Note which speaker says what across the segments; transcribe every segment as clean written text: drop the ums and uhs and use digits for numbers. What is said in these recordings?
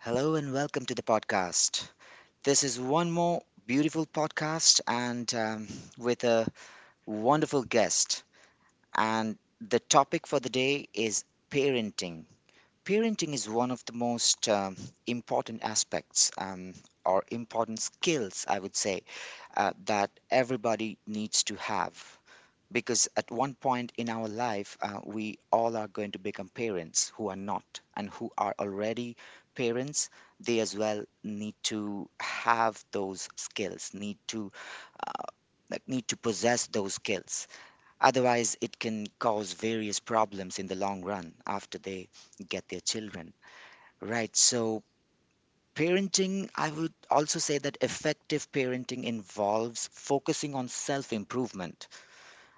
Speaker 1: Hello and welcome to the podcast. This is one more beautiful podcast and with a wonderful guest. And the topic for the day is parenting. Parenting is one of the most important aspects or important skills, I would say, that everybody needs to have. Because at one point in our life, we all are going to become parents who are not and who are already parents. They as well need to have those skills, uh, need to possess those skills. Otherwise, it can cause various problems in the long run after they get their children. Right. So, parenting, I would also say that effective parenting involves focusing on self improvement.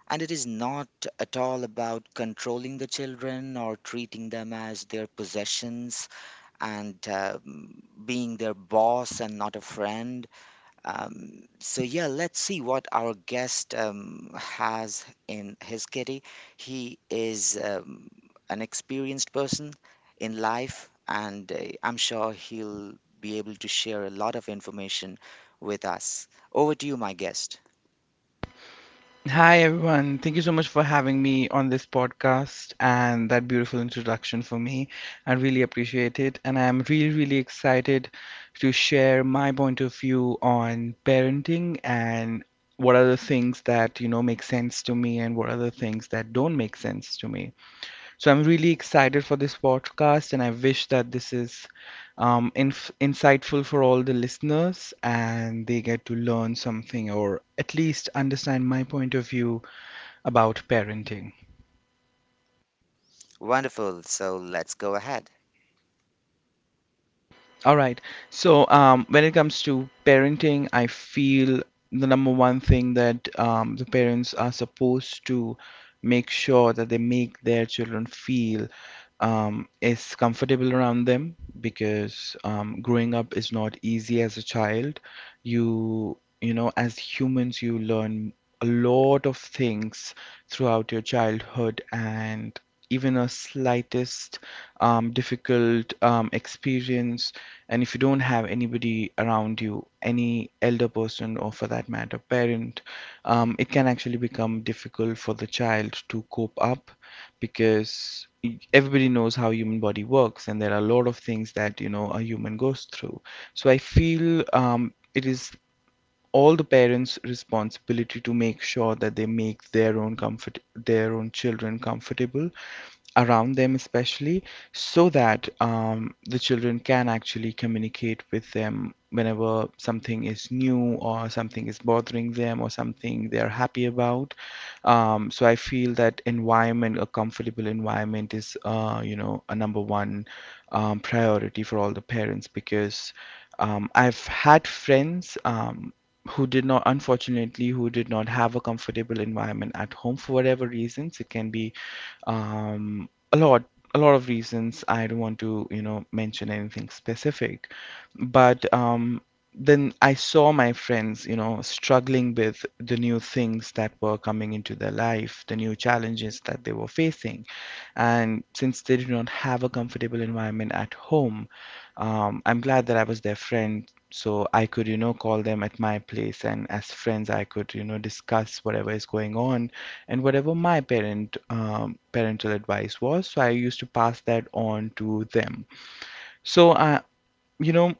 Speaker 1: And it is not at all about controlling the children or treating them as their possessions and being their boss and not a friend. So, yeah, let's see what our guest has in his kitty. He is an experienced person in life, and I'm sure he'll be able to share a lot of information with us. Over to you, my guest.
Speaker 2: Hi, everyone. Thank you so much for having me on this podcast and that beautiful introduction for me. I really appreciate it. And I'm really, really excited to share my point of view on parenting and what are the things that make sense to me and what are the things that don't make sense to me. So I'm really excited for this podcast, and I wish that this is insightful for all the listeners and they get to learn something or at least understand my point of view about parenting.
Speaker 1: Wonderful. So let's go ahead.
Speaker 2: All right. So, when it comes to parenting, I feel the number one thing that the parents are supposed to make sure that they make their children feel is comfortable around them, because growing up is not easy as a child. You know, as humans, you learn a lot of things throughout your childhood, and even a slightest difficult experience, and if you don't have anybody around you, any elder person, or for that matter, parent, it can actually become difficult for the child to cope up, because everybody knows how human body works and there are a lot of things that you know a human goes through. So I feel it is all the parents responsibility to make sure that they make their own children comfortable around them, especially, so that the children can actually communicate with them whenever something is new or something is bothering them or something they are happy about. So I feel that environment, a comfortable environment, is a number one priority for all the parents, because I've had friends who did not unfortunately who did not have a comfortable environment at home for whatever reasons it can be, um, a lot a lot of reasons. I don't want to mention anything specific, but then I saw my friends struggling with the new things that were coming into their life, the new challenges that they were facing. And since they did not have a comfortable environment at home, I'm glad that I was their friend, so I could call them at my place, and as friends I could discuss whatever is going on and whatever my parental advice was, so I used to pass that on to them. So I you know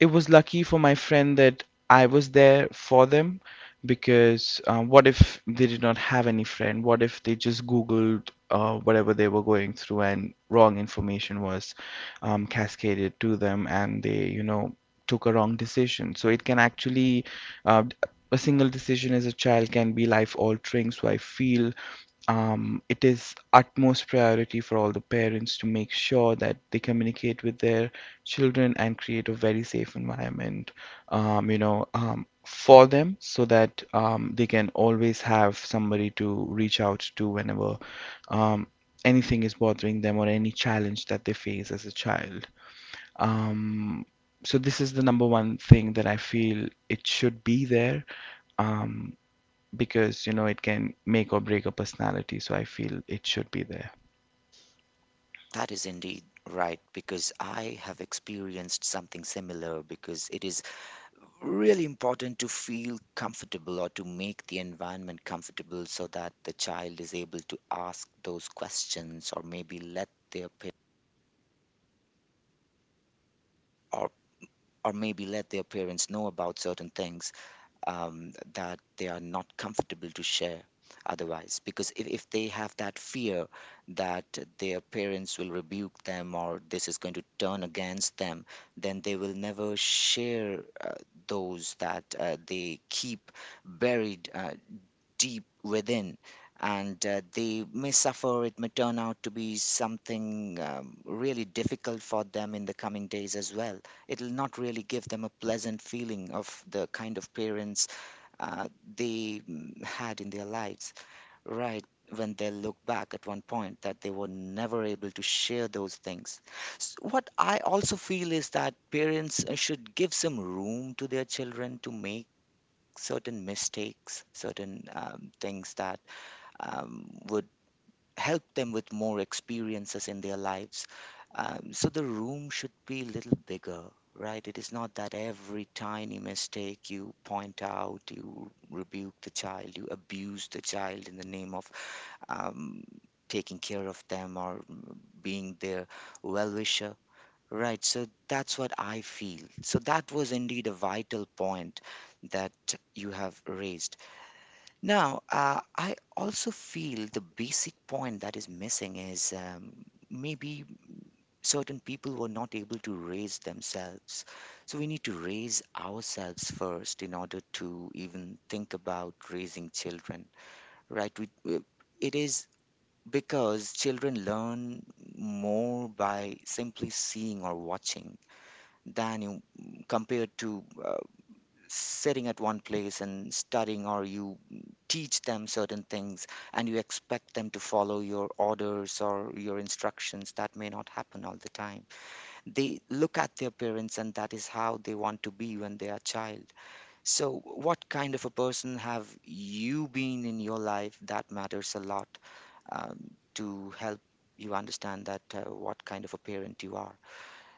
Speaker 2: it was lucky for my friend that I was there for them, because what if they did not have any friend? What if they just googled whatever they were going through and wrong information was cascaded to them, and they took a wrong decision? So it can actually, uh, a single decision as a child can be life altering. So I feel it is utmost priority for all the parents to make sure that they communicate with their children and create a very safe environment, for them, so that they can always have somebody to reach out to whenever um, anything is bothering them or any challenge that they face as a child. Um, so this is the number one thing that I feel it should be there. Um, because it can make or break a personality, so I feel it should be there.
Speaker 1: That is indeed right because I have experienced something similar because it is really important to feel comfortable or to make the environment comfortable so that the child is able to ask those questions or maybe let their pa- or or maybe let their parents know about certain things that they are not comfortable to share otherwise, because if they have that fear that their parents will rebuke them or this is going to turn against them, then they will never share those, that they keep buried deep within. And they may suffer, it may turn out to be something really difficult for them in the coming days as well. It'll not really give them a pleasant feeling of the kind of parents uh, they had in their lives, right, when they look back at one point that they were never able to share those things. What I also feel is that parents should give some room to their children to make certain mistakes, certain things that would help them with more experiences in their lives. So the room should be a little bigger, right? It is not that every tiny mistake you point out, you rebuke the child, you abuse the child in the name of um, taking care of them or being their well wisher. Right, so that's what I feel. So that was indeed a vital point that you have raised. Now, I also feel the basic point that is missing is maybe certain people were not able to raise themselves. So we need to raise ourselves first in order to even think about raising children, right? It is because children learn more by simply seeing or watching than you, compared to sitting at one place and studying, or you teach them certain things and you expect them to follow your orders or your instructions that may not happen all the time. They look at their parents and that is how they want to be when they are child. So what kind of a person have you been in your life, that matters a lot um, to help you understand that what kind of a parent you are.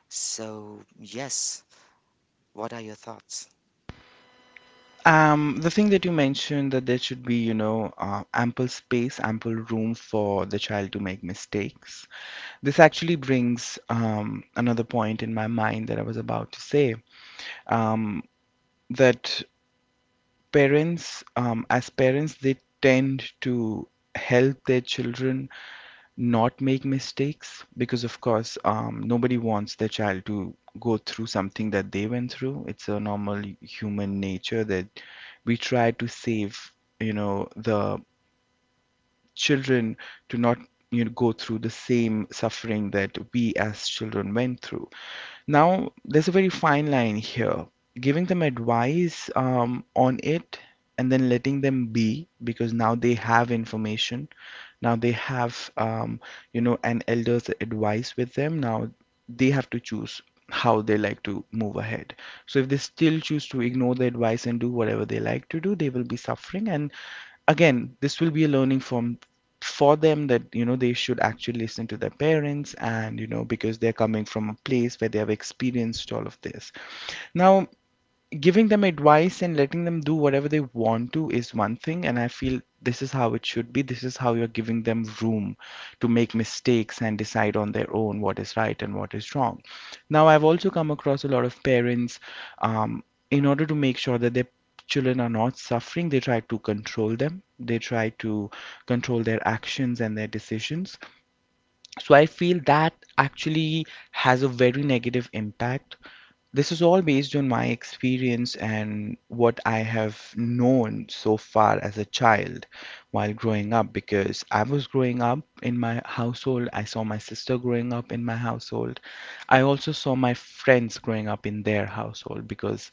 Speaker 1: So yes, what are your thoughts?
Speaker 2: The thing that you mentioned, that there should be ample space, ample room for the child to make mistakes, this actually brings another point in my mind that I was about to say. um that parents as parents, they tend to help their children not make mistakes, because of course nobody wants their child to go through something that they went through. It's a normal human nature that we try to save the children to not go through the same suffering that we as children went through. Now, there's a very fine line here: giving them advice on it, and then letting them be, because now they have information, now they have an elder's advice with them. Now they have to choose how they like to move ahead. So if they still choose to ignore the advice and do whatever they like to do, they will be suffering. And again, this will be a learning from for them, that they should actually listen to their parents, and because they're coming from a place where they have experienced all of this. Now, giving them advice and letting them do whatever they want to is one thing, and I feel this is how it should be. This is how you're giving them room to make mistakes and decide on their own what is right and what is wrong. Now, I've also come across a lot of parents um, in order to make sure that their children are not suffering, they try to control them, they try to control their actions and their decisions. So I feel that actually has a very negative impact. This is all based on my experience and what I have known so far as a child, while growing up, because I was growing up in my household. I saw my sister growing up in my household. I also saw my friends growing up in their household, because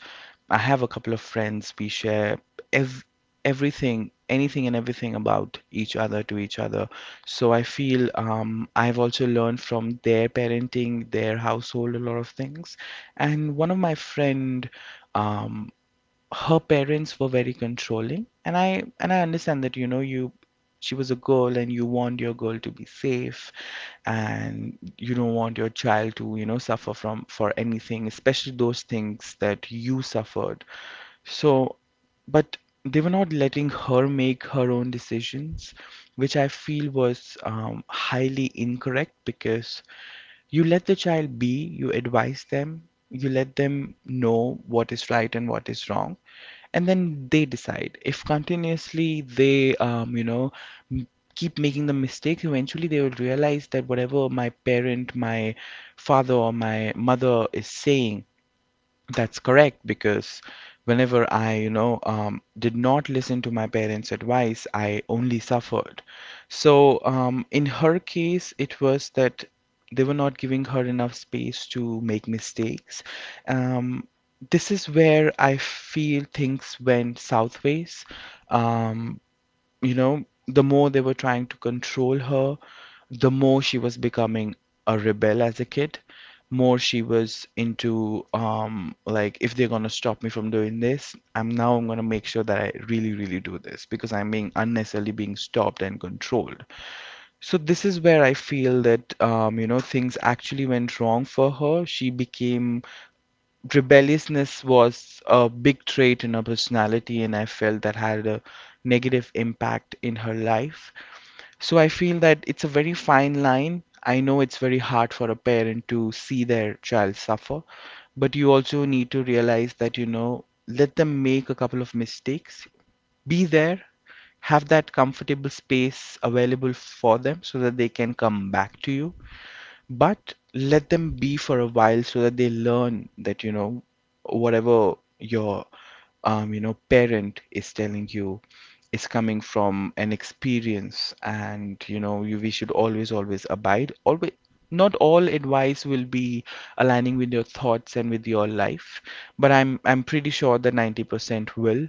Speaker 2: I have a couple of friends. We share ev- everything, anything and everything about each other to each other. So I feel I've also learned from their parenting, their household, a lot of things. And one of my friend, um her parents were very controlling, and I understand that you know you she was a girl and you want your girl to be safe, and you don't want your child to suffer from for anything, especially those things that you suffered. So, but they were not letting her make her own decisions, which I feel was highly incorrect. Because you let the child be, you advise them, you let them know what is right and what is wrong, and then they decide. If continuously theym- keep making the mistakes, eventually they will realize that whatever my parent, my father, or my mother is saying, that's correct, because whenever I did not listen to my parents' advice, I only suffered. So, in her case, it was that they were not giving her enough space to make mistakes. Um, this is where I feel things went southways. You know, the more they were trying to control her, the more she was becoming a rebel as a kid. More she was into, like if they're gonna stop me from doing this, I'm now I'm gonna make sure that I really, really do this, because I'm being unnecessarily being stopped and controlled. So this is where I feel that things actually went wrong for her. She became rebelliousness was a big trait in her personality, and I felt that had a negative impact in her life. So I feel that it's a very fine line. I know it's very hard for a parent to see their child suffer, but you also need to realize that, you know, let them make a couple of mistakes, be there, have that comfortable space available for them so that they can come back to you, but let them be for a while, so that they learn that, you know, whatever your parent is telling you is coming from an experience, and you know you we should always, always abide. Always not all advice will be aligning with your thoughts and with your life, but I'm pretty sure that 90% will,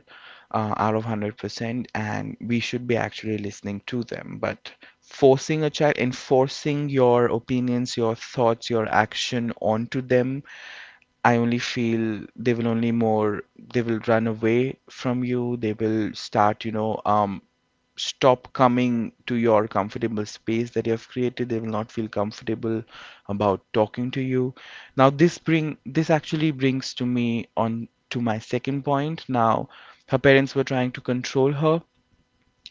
Speaker 2: out of 100%, and we should be actually listening to them. But forcing a child, enforcing your opinions, your thoughts, your action onto them, I only feel they will run away from you, they will start, stop coming to your comfortable space that you have created. They will not feel comfortable about talking to you. Now this actually brings to me on to my second point. Now, her parents were trying to control her.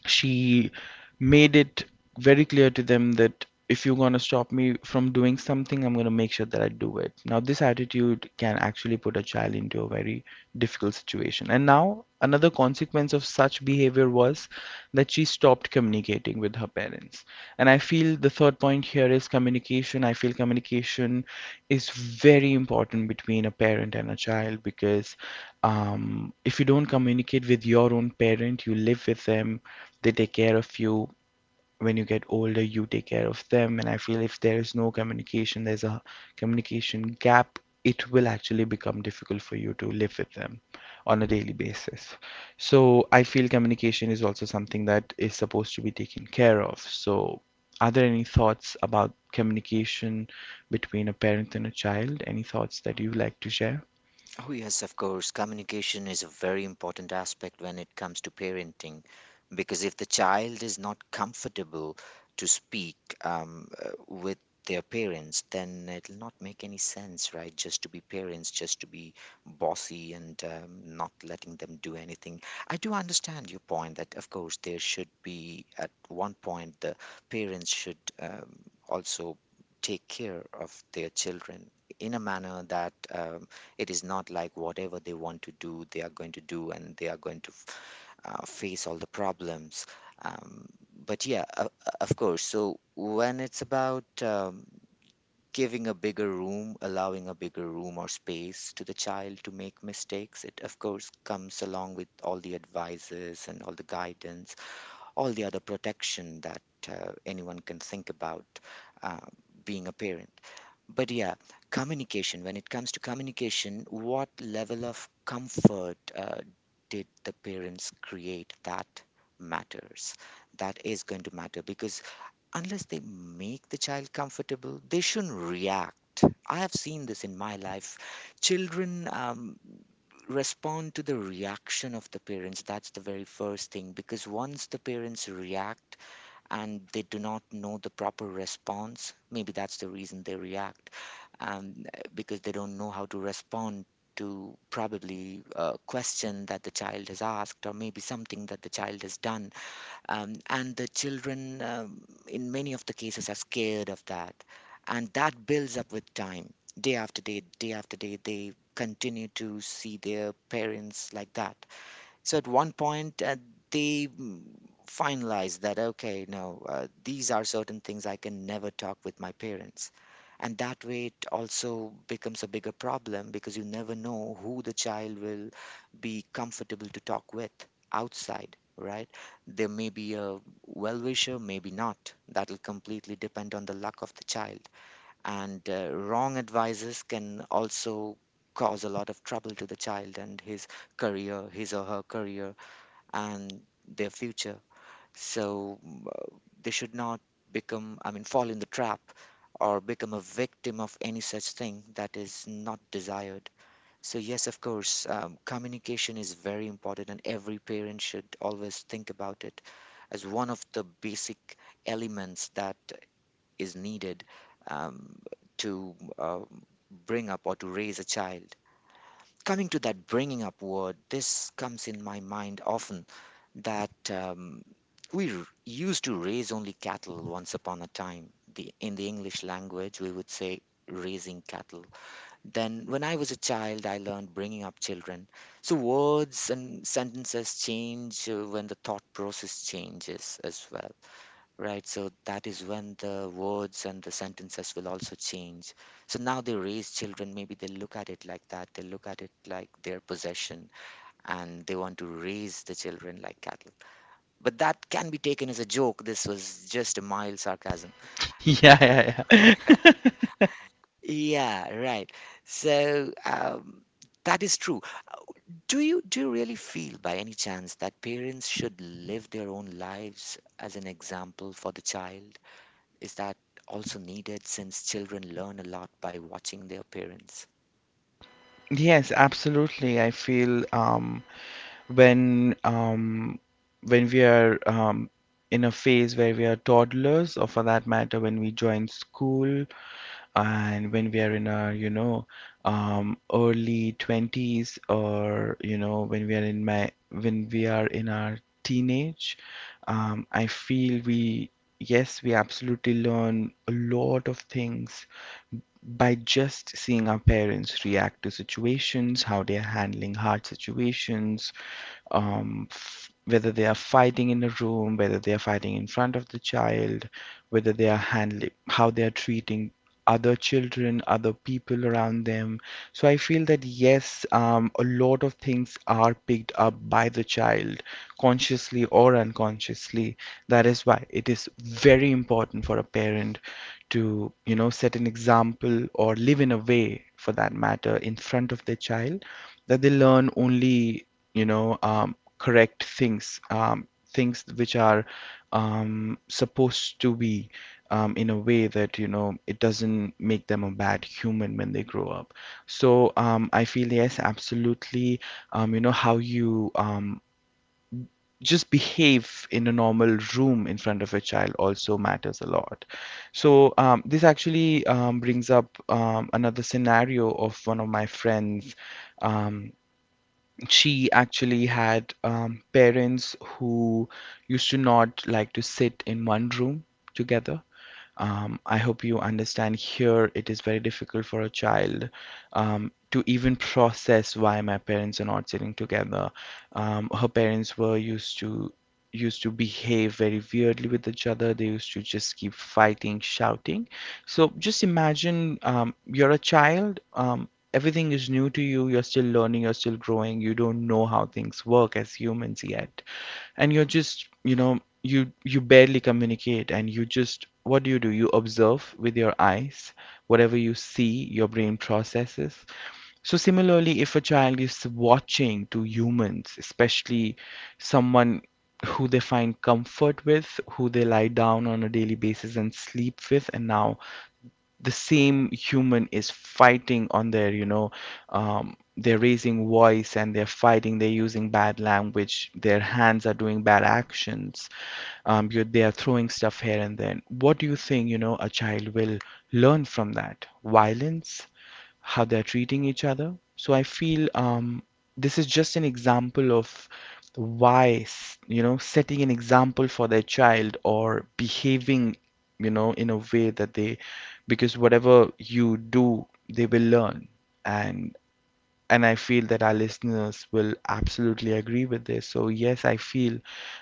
Speaker 2: She made it very clear to them that if you're going to stop me from doing something, I'm going to make sure that I do it. Now, this attitude can actually put a child into a very difficult situation. And now, another consequence of such behavior was that she stopped communicating with her parents. And I feel the third point here is communication. I feel communication is very important between a parent and a child because if you don't communicate with your own parent, you live with them, they take care of you, when you get older you take care of them. And I feel if there is no communication, there's a communication gap, it will actually become difficult for you to live with them on a daily basis. So I feel communication is also something that is supposed to be taken care of. So are there any thoughts about communication between a parent and a child, any thoughts that you would like to share?
Speaker 1: Oh, yes, of course. Communication is a very important aspect when it comes to parenting, because if the child is not comfortable to speak with their parents, then it'll not make any sense, right? Just to be parents, just to be bossy and not letting them do anything. I do understand your point that, of course, there should be, at one point, the parents should also take care of their children in a manner that. It is not like whatever they want to do, they are going to do, and they are going to face all the problems. Um, but yeah, of course. So when it's about giving a bigger room, allowing a bigger room or space to the child to make mistakes, it of course comes along with all the advices and all the guidance, all the other protection that anyone can think about uh, being a parent. But yeah, communication. When it comes to communication, what level of comfort did the parents create? That matters. That is going to matter because unless they make the child comfortable, they shouldn't react. I have seen this in my life. Children respond to the reaction of the parents. That's the very first thing, because once the parents react and they do not know the proper response, maybe that's the reason they react, um, because they don't know how to respond to probably a question that the child has asked or maybe something that the child has done. And the children, in many of the cases, are scared of that. And that builds up with time. Day after day, they continue to see their parents like that. So at one point, they finalized that, okay, no, these are certain things I can never talk with my parents. And that way, it also becomes a bigger problem because you never know who the child will be comfortable to talk with outside, right? There may be a well wisher, maybe not. That'll completely depend on the luck of the child. And wrong advices can also cause a lot of trouble to the child and his or her career and their future. So they should not become, I mean, fall in the trap or become a victim of any such thing that is not desired. So yes, of course, communication is very important and every parent should always think about it as one of the basic elements that is needed um, to bring up or to raise a child. Coming to that bringing up word, this comes in my mind often that we used to raise only cattle once upon a time. In the English language, we would say raising cattle. Then, when I was a child, I learned bringing up children. So, words and sentences change when the thought process changes as well. Right, so that is when the words and the sentences will also change. So now they raise children, maybe they look at it like that. They look at it like their possession and they want to raise the children like cattle. But that can be taken as a joke. This was just a mild sarcasm.
Speaker 2: Yeah, yeah, yeah.
Speaker 1: Yeah, right. So that is true. Do you really feel by any chance that parents should live their own lives as an example for the child? Is that also needed since children learn a lot by watching their parents?
Speaker 2: Yes, absolutely. I feel when um, when we are in a phase where we are toddlers, or for that matter, when we join school and when we are in our, you know, early 20s, or you know, when we are in our teenage. I feel, we yes, we absolutely learn a lot of things by just seeing our parents react to situations, how they are handling hard situations, whether they are fighting in a room, whether they are fighting in front of the child, whether they are handling how they are treating other children, other people around them. So I feel that yes, a lot of things are picked up by the child, consciously or unconsciously. That is why it is very important for a parent to, you know, set an example or live in a way, for that matter, in front of their child, that they learn only, you know, correct things, things which are supposed to be in a way that, you know, it doesn't make them a bad human when they grow up. So I feel, yes, absolutely, you know, how you just behave in a normal room in front of a child also matters a lot. So this actually brings up another scenario of one of my friends. um, she actually had parents who used to not like to sit in one room together. I hope you understand, here it is very difficult for a child to even process why my parents are not sitting together. Her parents were used to used to behave very weirdly with each other. They used to just keep fighting, shouting. So just imagine, you're a child. Everything is new to you. You're still learning, you're still growing. You don't know how things work as humans yet. And you're just, you know, you barely communicate and you just, what do? You observe with your eyes. Whatever you see, your brain processes. So similarly, if a child is watching to humans, especially someone who they find comfort with, who they lie down on a daily basis and sleep with, and now the same human is fighting on their, you know, they're raising voice and they're fighting, they're using bad language, their hands are doing bad actions, you, they are throwing stuff here and then what do you think, you know, a child will learn from that violence, how they're treating each other? So I feel this is just an example of why you know, setting an example for their child, or behaving, you know, in a way that they, because whatever you do, they will learn. And and I feel that our listeners will absolutely agree with this. So yes, I feel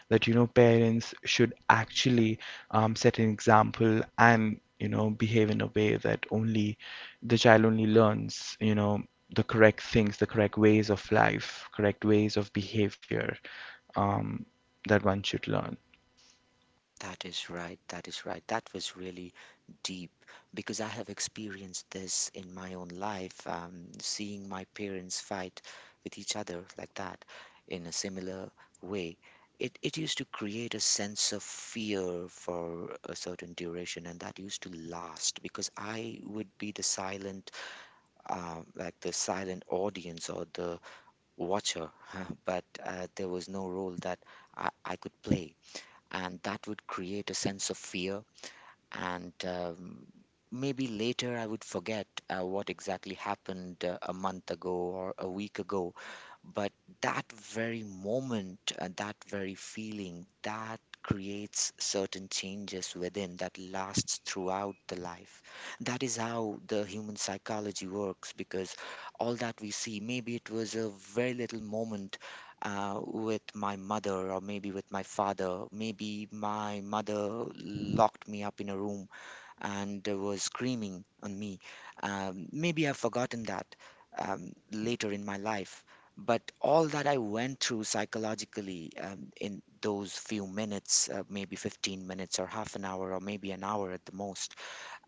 Speaker 2: that, you know, parents should actually set an example and, you know, behave in a way that only the child only learns, you know, the correct things, the correct ways of life, correct ways of behavior, um, that one should learn.
Speaker 1: That is right. That is right. That was really deep because I have experienced this in my own life, seeing my parents fight with each other like that in a similar way. It used to create a sense of fear for a certain duration, and that used to last because I would be like the silent audience or the watcher, but there was no role that I could play. And that would create a sense of fear and maybe later I would forget what exactly happened a month ago or a week ago, but that very moment, that very feeling, that creates certain changes within that lasts throughout the life. That is how the human psychology works, because all that we see, maybe it was a very little moment with my mother or maybe with my father. Maybe my mother locked me up in a room and was screaming on me. Maybe I've forgotten that later in my life. But all that I went through psychologically in those few minutes, maybe 15 minutes or half an hour or maybe an hour at the most,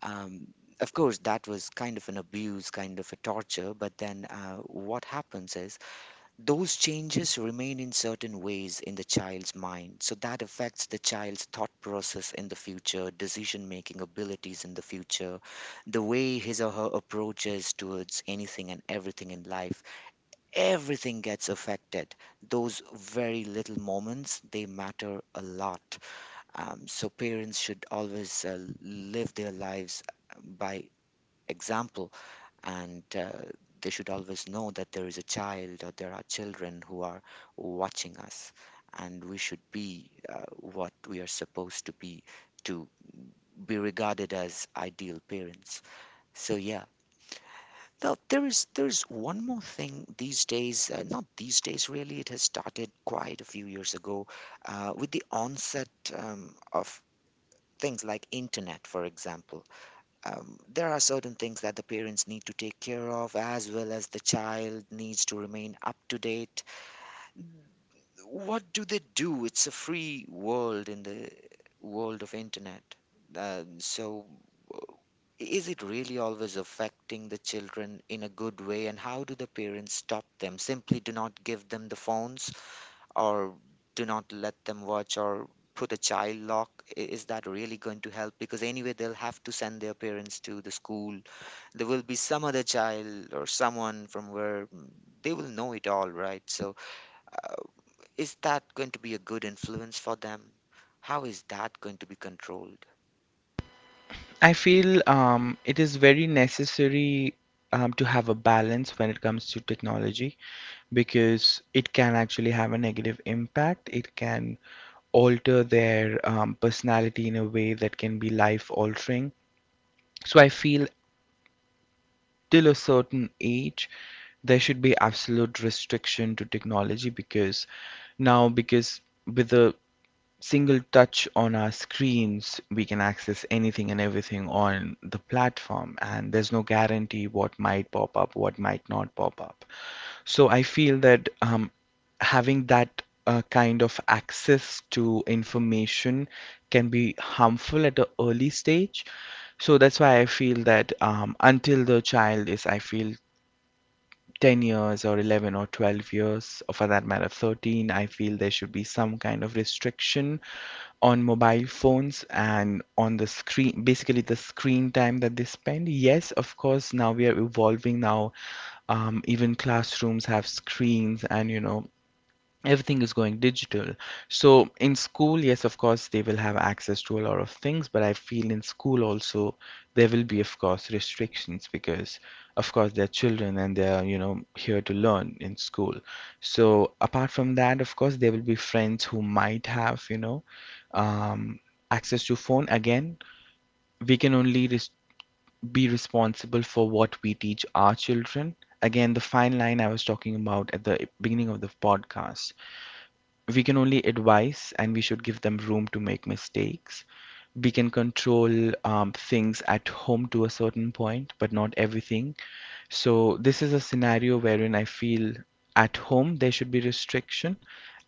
Speaker 1: um, of course, that was kind of an abuse, kind of a torture. But then what happens is those changes remain in certain ways in the child's mind, so that affects the child's thought process in the future, decision making abilities in the future, the way his or her approach is towards anything and everything in life. Everything gets affected. Those very little moments, they matter a lot. So parents should always live their lives by example, and they should always know that there is a child or there are children who are watching us, and we should be what we are supposed to be, to be regarded as ideal parents. So yeah, now there is one more thing these days, not these days really, it has started quite a few years ago with the onset of things like internet, for example. There are certain things that the parents need to take care of, as well as the child needs to remain up to date. What do they do? It's a free world in the world of internet. So uh, is it really always affecting the children in a good way, and how do the parents stop them? Simply do not give them the phones, or do not let them watch, or put a child lock? Is that really going to help, because anyway they'll have to send their parents to the school, there will be some other child or someone from where they will know it all, right? So, uh, is that going to be a good influence for them? How is that going to be controlled?
Speaker 2: I feel it is very necessary to have a balance when it comes to technology, because it can actually have a negative impact. It can alter their personality in a way that can be life altering. So I feel till a certain age, there should be absolute restriction to technology, because now, because with the single touch on our screens, we can access anything and everything on the platform, and there's no guarantee what might pop up, what might not pop up. So I feel that having that kind of access to information can be harmful at an early stage. So that's why I feel that until the child is, I feel, 10 years or 11 or 12 years, or for that matter, 13, I feel there should be some kind of restriction on mobile phones and on the screen, basically the screen time that they spend. Yes, of course, now we are evolving. Now, even classrooms have screens, and, you know, everything is going digital. So in school, yes, of course, they will have access to a lot of things, but I feel in school also there will be, of course, restrictions because, of course, they're children and they're, you know, here to learn in school. So apart from that, of course, there will be friends who might have, you know, um, access to phone. Again, we can only be responsible for what we teach our children. Again, the fine line I was talking about at the beginning of the podcast, we can only advise and we should give them room to make mistakes. We can control things at home to a certain point, but not everything. So this is a scenario wherein I feel at home there should be restriction,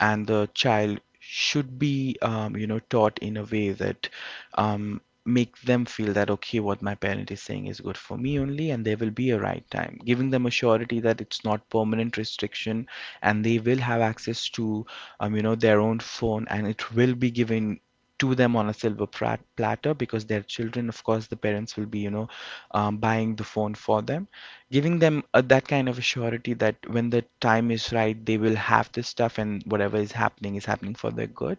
Speaker 2: and the child should be, you know, taught in a way that make them feel that, okay, what my parent is saying is good for me only, and there will be a right time, giving them a surety that it's not permanent restriction, and they will have access to, you know, their own phone, and it will be given to them on a silver platter, because their children, of course the parents will be, you know, buying the phone for them, giving them that kind of a surety that when the time is right they will have this stuff and whatever is happening for their good.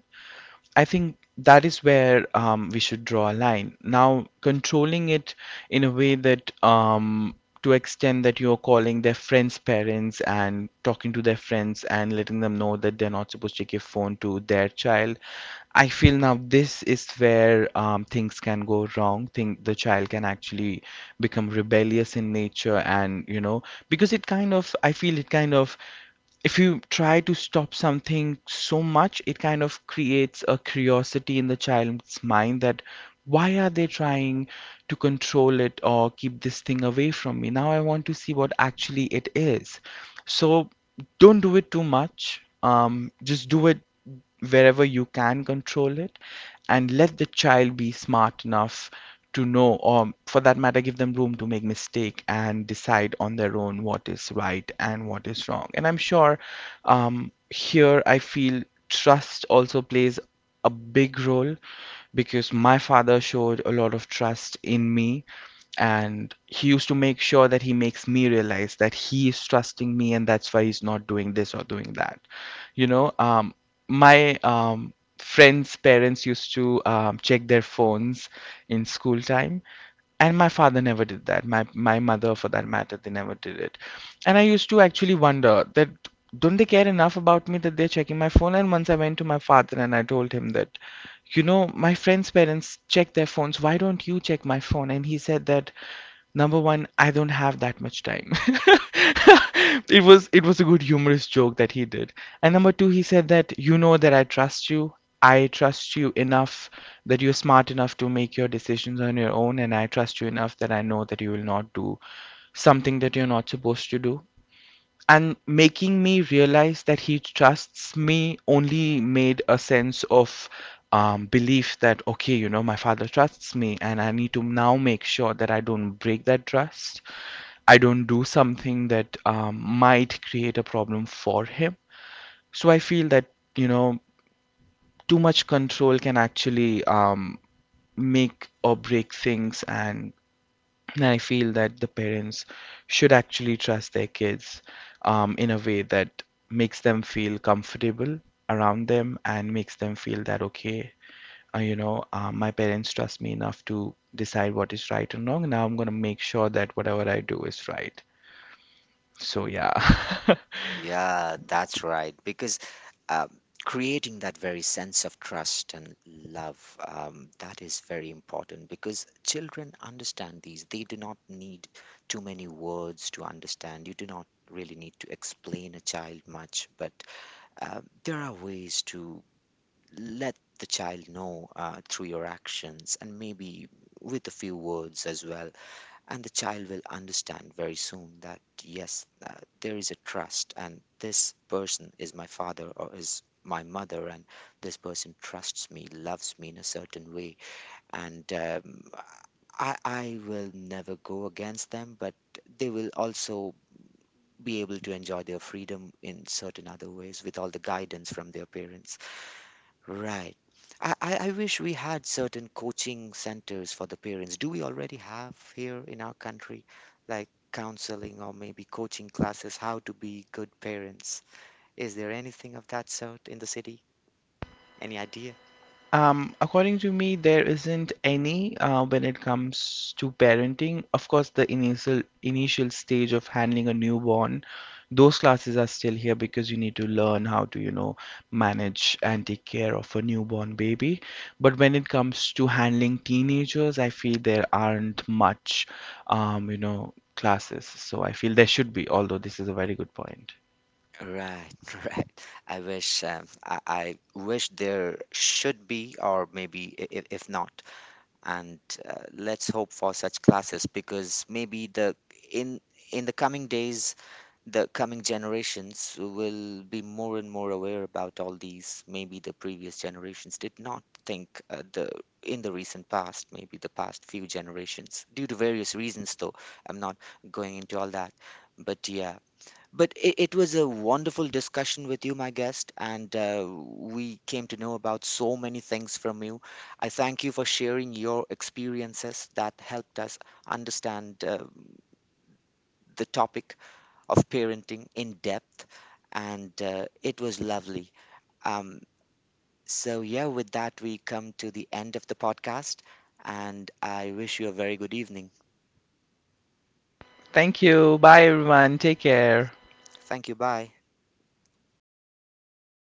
Speaker 2: I think that is where we should draw a line. Now, controlling it in a way that, to extend that you're calling their friends' parents and talking to their friends and letting them know that they're not supposed to give phone to their child, I feel now this is where things can go wrong. Think the child can actually become rebellious in nature, and, you know, because it kind of, I feel it kind of, if you try to stop something so much, it kind of creates a curiosity in the child's mind that why are they trying to control it or keep this thing away from me? Now I want to see what actually it is. So don't do it too much. Just do it wherever you can control it, and let the child be smart enough to know, or for that matter, give them room to make mistake and decide on their own what is right and what is wrong. And I'm sure, here I feel trust also plays a big role, because my father showed a lot of trust in me and he used to make sure that he makes me realize that he is trusting me and that's why he's not doing this or doing that. You know, my friends parents used to check their phones in school time, and my father never did that. My mother, for that matter, they never did it. And I used to actually wonder that don't they care enough about me that they're checking my phone. And once I went to my father and I told him that, you know, my friends parents check their phones, why don't you check my phone? And he said that, number one, I don't have that much time. It was a good humorous joke that he did. And number two, he said that, you know, that I trust you. I trust you enough that you're smart enough to make your decisions on your own, and I trust you enough that I know that you will not do something that you're not supposed to do. And making me realize that he trusts me only made a sense of belief that, okay, you know, my father trusts me and I need to now make sure that I don't break that trust. I don't do something that might create a problem for him. So I feel that, you know, too much control can actually make or break things. And I feel that the parents should actually trust their kids in a way that makes them feel comfortable around them and makes them feel that, okay, you know, my parents trust me enough to decide what is right and wrong. Now I'm going to make sure that whatever I do is right. So, yeah.
Speaker 1: Yeah, that's right. Because um, creating that very sense of trust and love, that is very important because children understand these. They do not need too many words to understand. You do not really need to explain a child much, but there are ways to let the child know through your actions and maybe with a few words as well, and the child will understand very soon that yes, there is a trust and this person is my father or is my mother, and this person trusts me, loves me in a certain way, and I will never go against them, but they will also be able to enjoy their freedom in certain other ways with all the guidance from their parents. Right. I wish we had certain coaching centers for the parents. Do we already have here in our country, like counseling or maybe coaching classes, how to be good parents? Is there anything of that sort in the city? Any idea?
Speaker 2: According to me, there isn't any, when it comes to parenting. Of course, the initial stage of handling a newborn, those classes are still here because you need to learn how to, you know, manage and take care of a newborn baby. But when it comes to handling teenagers, I feel there aren't much, you know, classes. So I feel there should be, although this is a very good point.
Speaker 1: Right, right. I wish there should be, or maybe if, not, and let's hope for such classes, because maybe the in in the coming days the coming generations will be more and more aware about all these. Maybe the previous generations did not think, the in the recent past, maybe the past few generations, due to various reasons. Though I'm not going into all that, but yeah. But it was a wonderful discussion with you, my guest, and we came to know about so many things from you. I thank you for sharing your experiences that helped us understand the topic of parenting in depth, and it was lovely. Um, so, yeah, with that, we come to the end of the podcast, and I wish you a very good evening.
Speaker 2: Thank you. Bye, everyone. Take care.
Speaker 1: Thank you. Bye.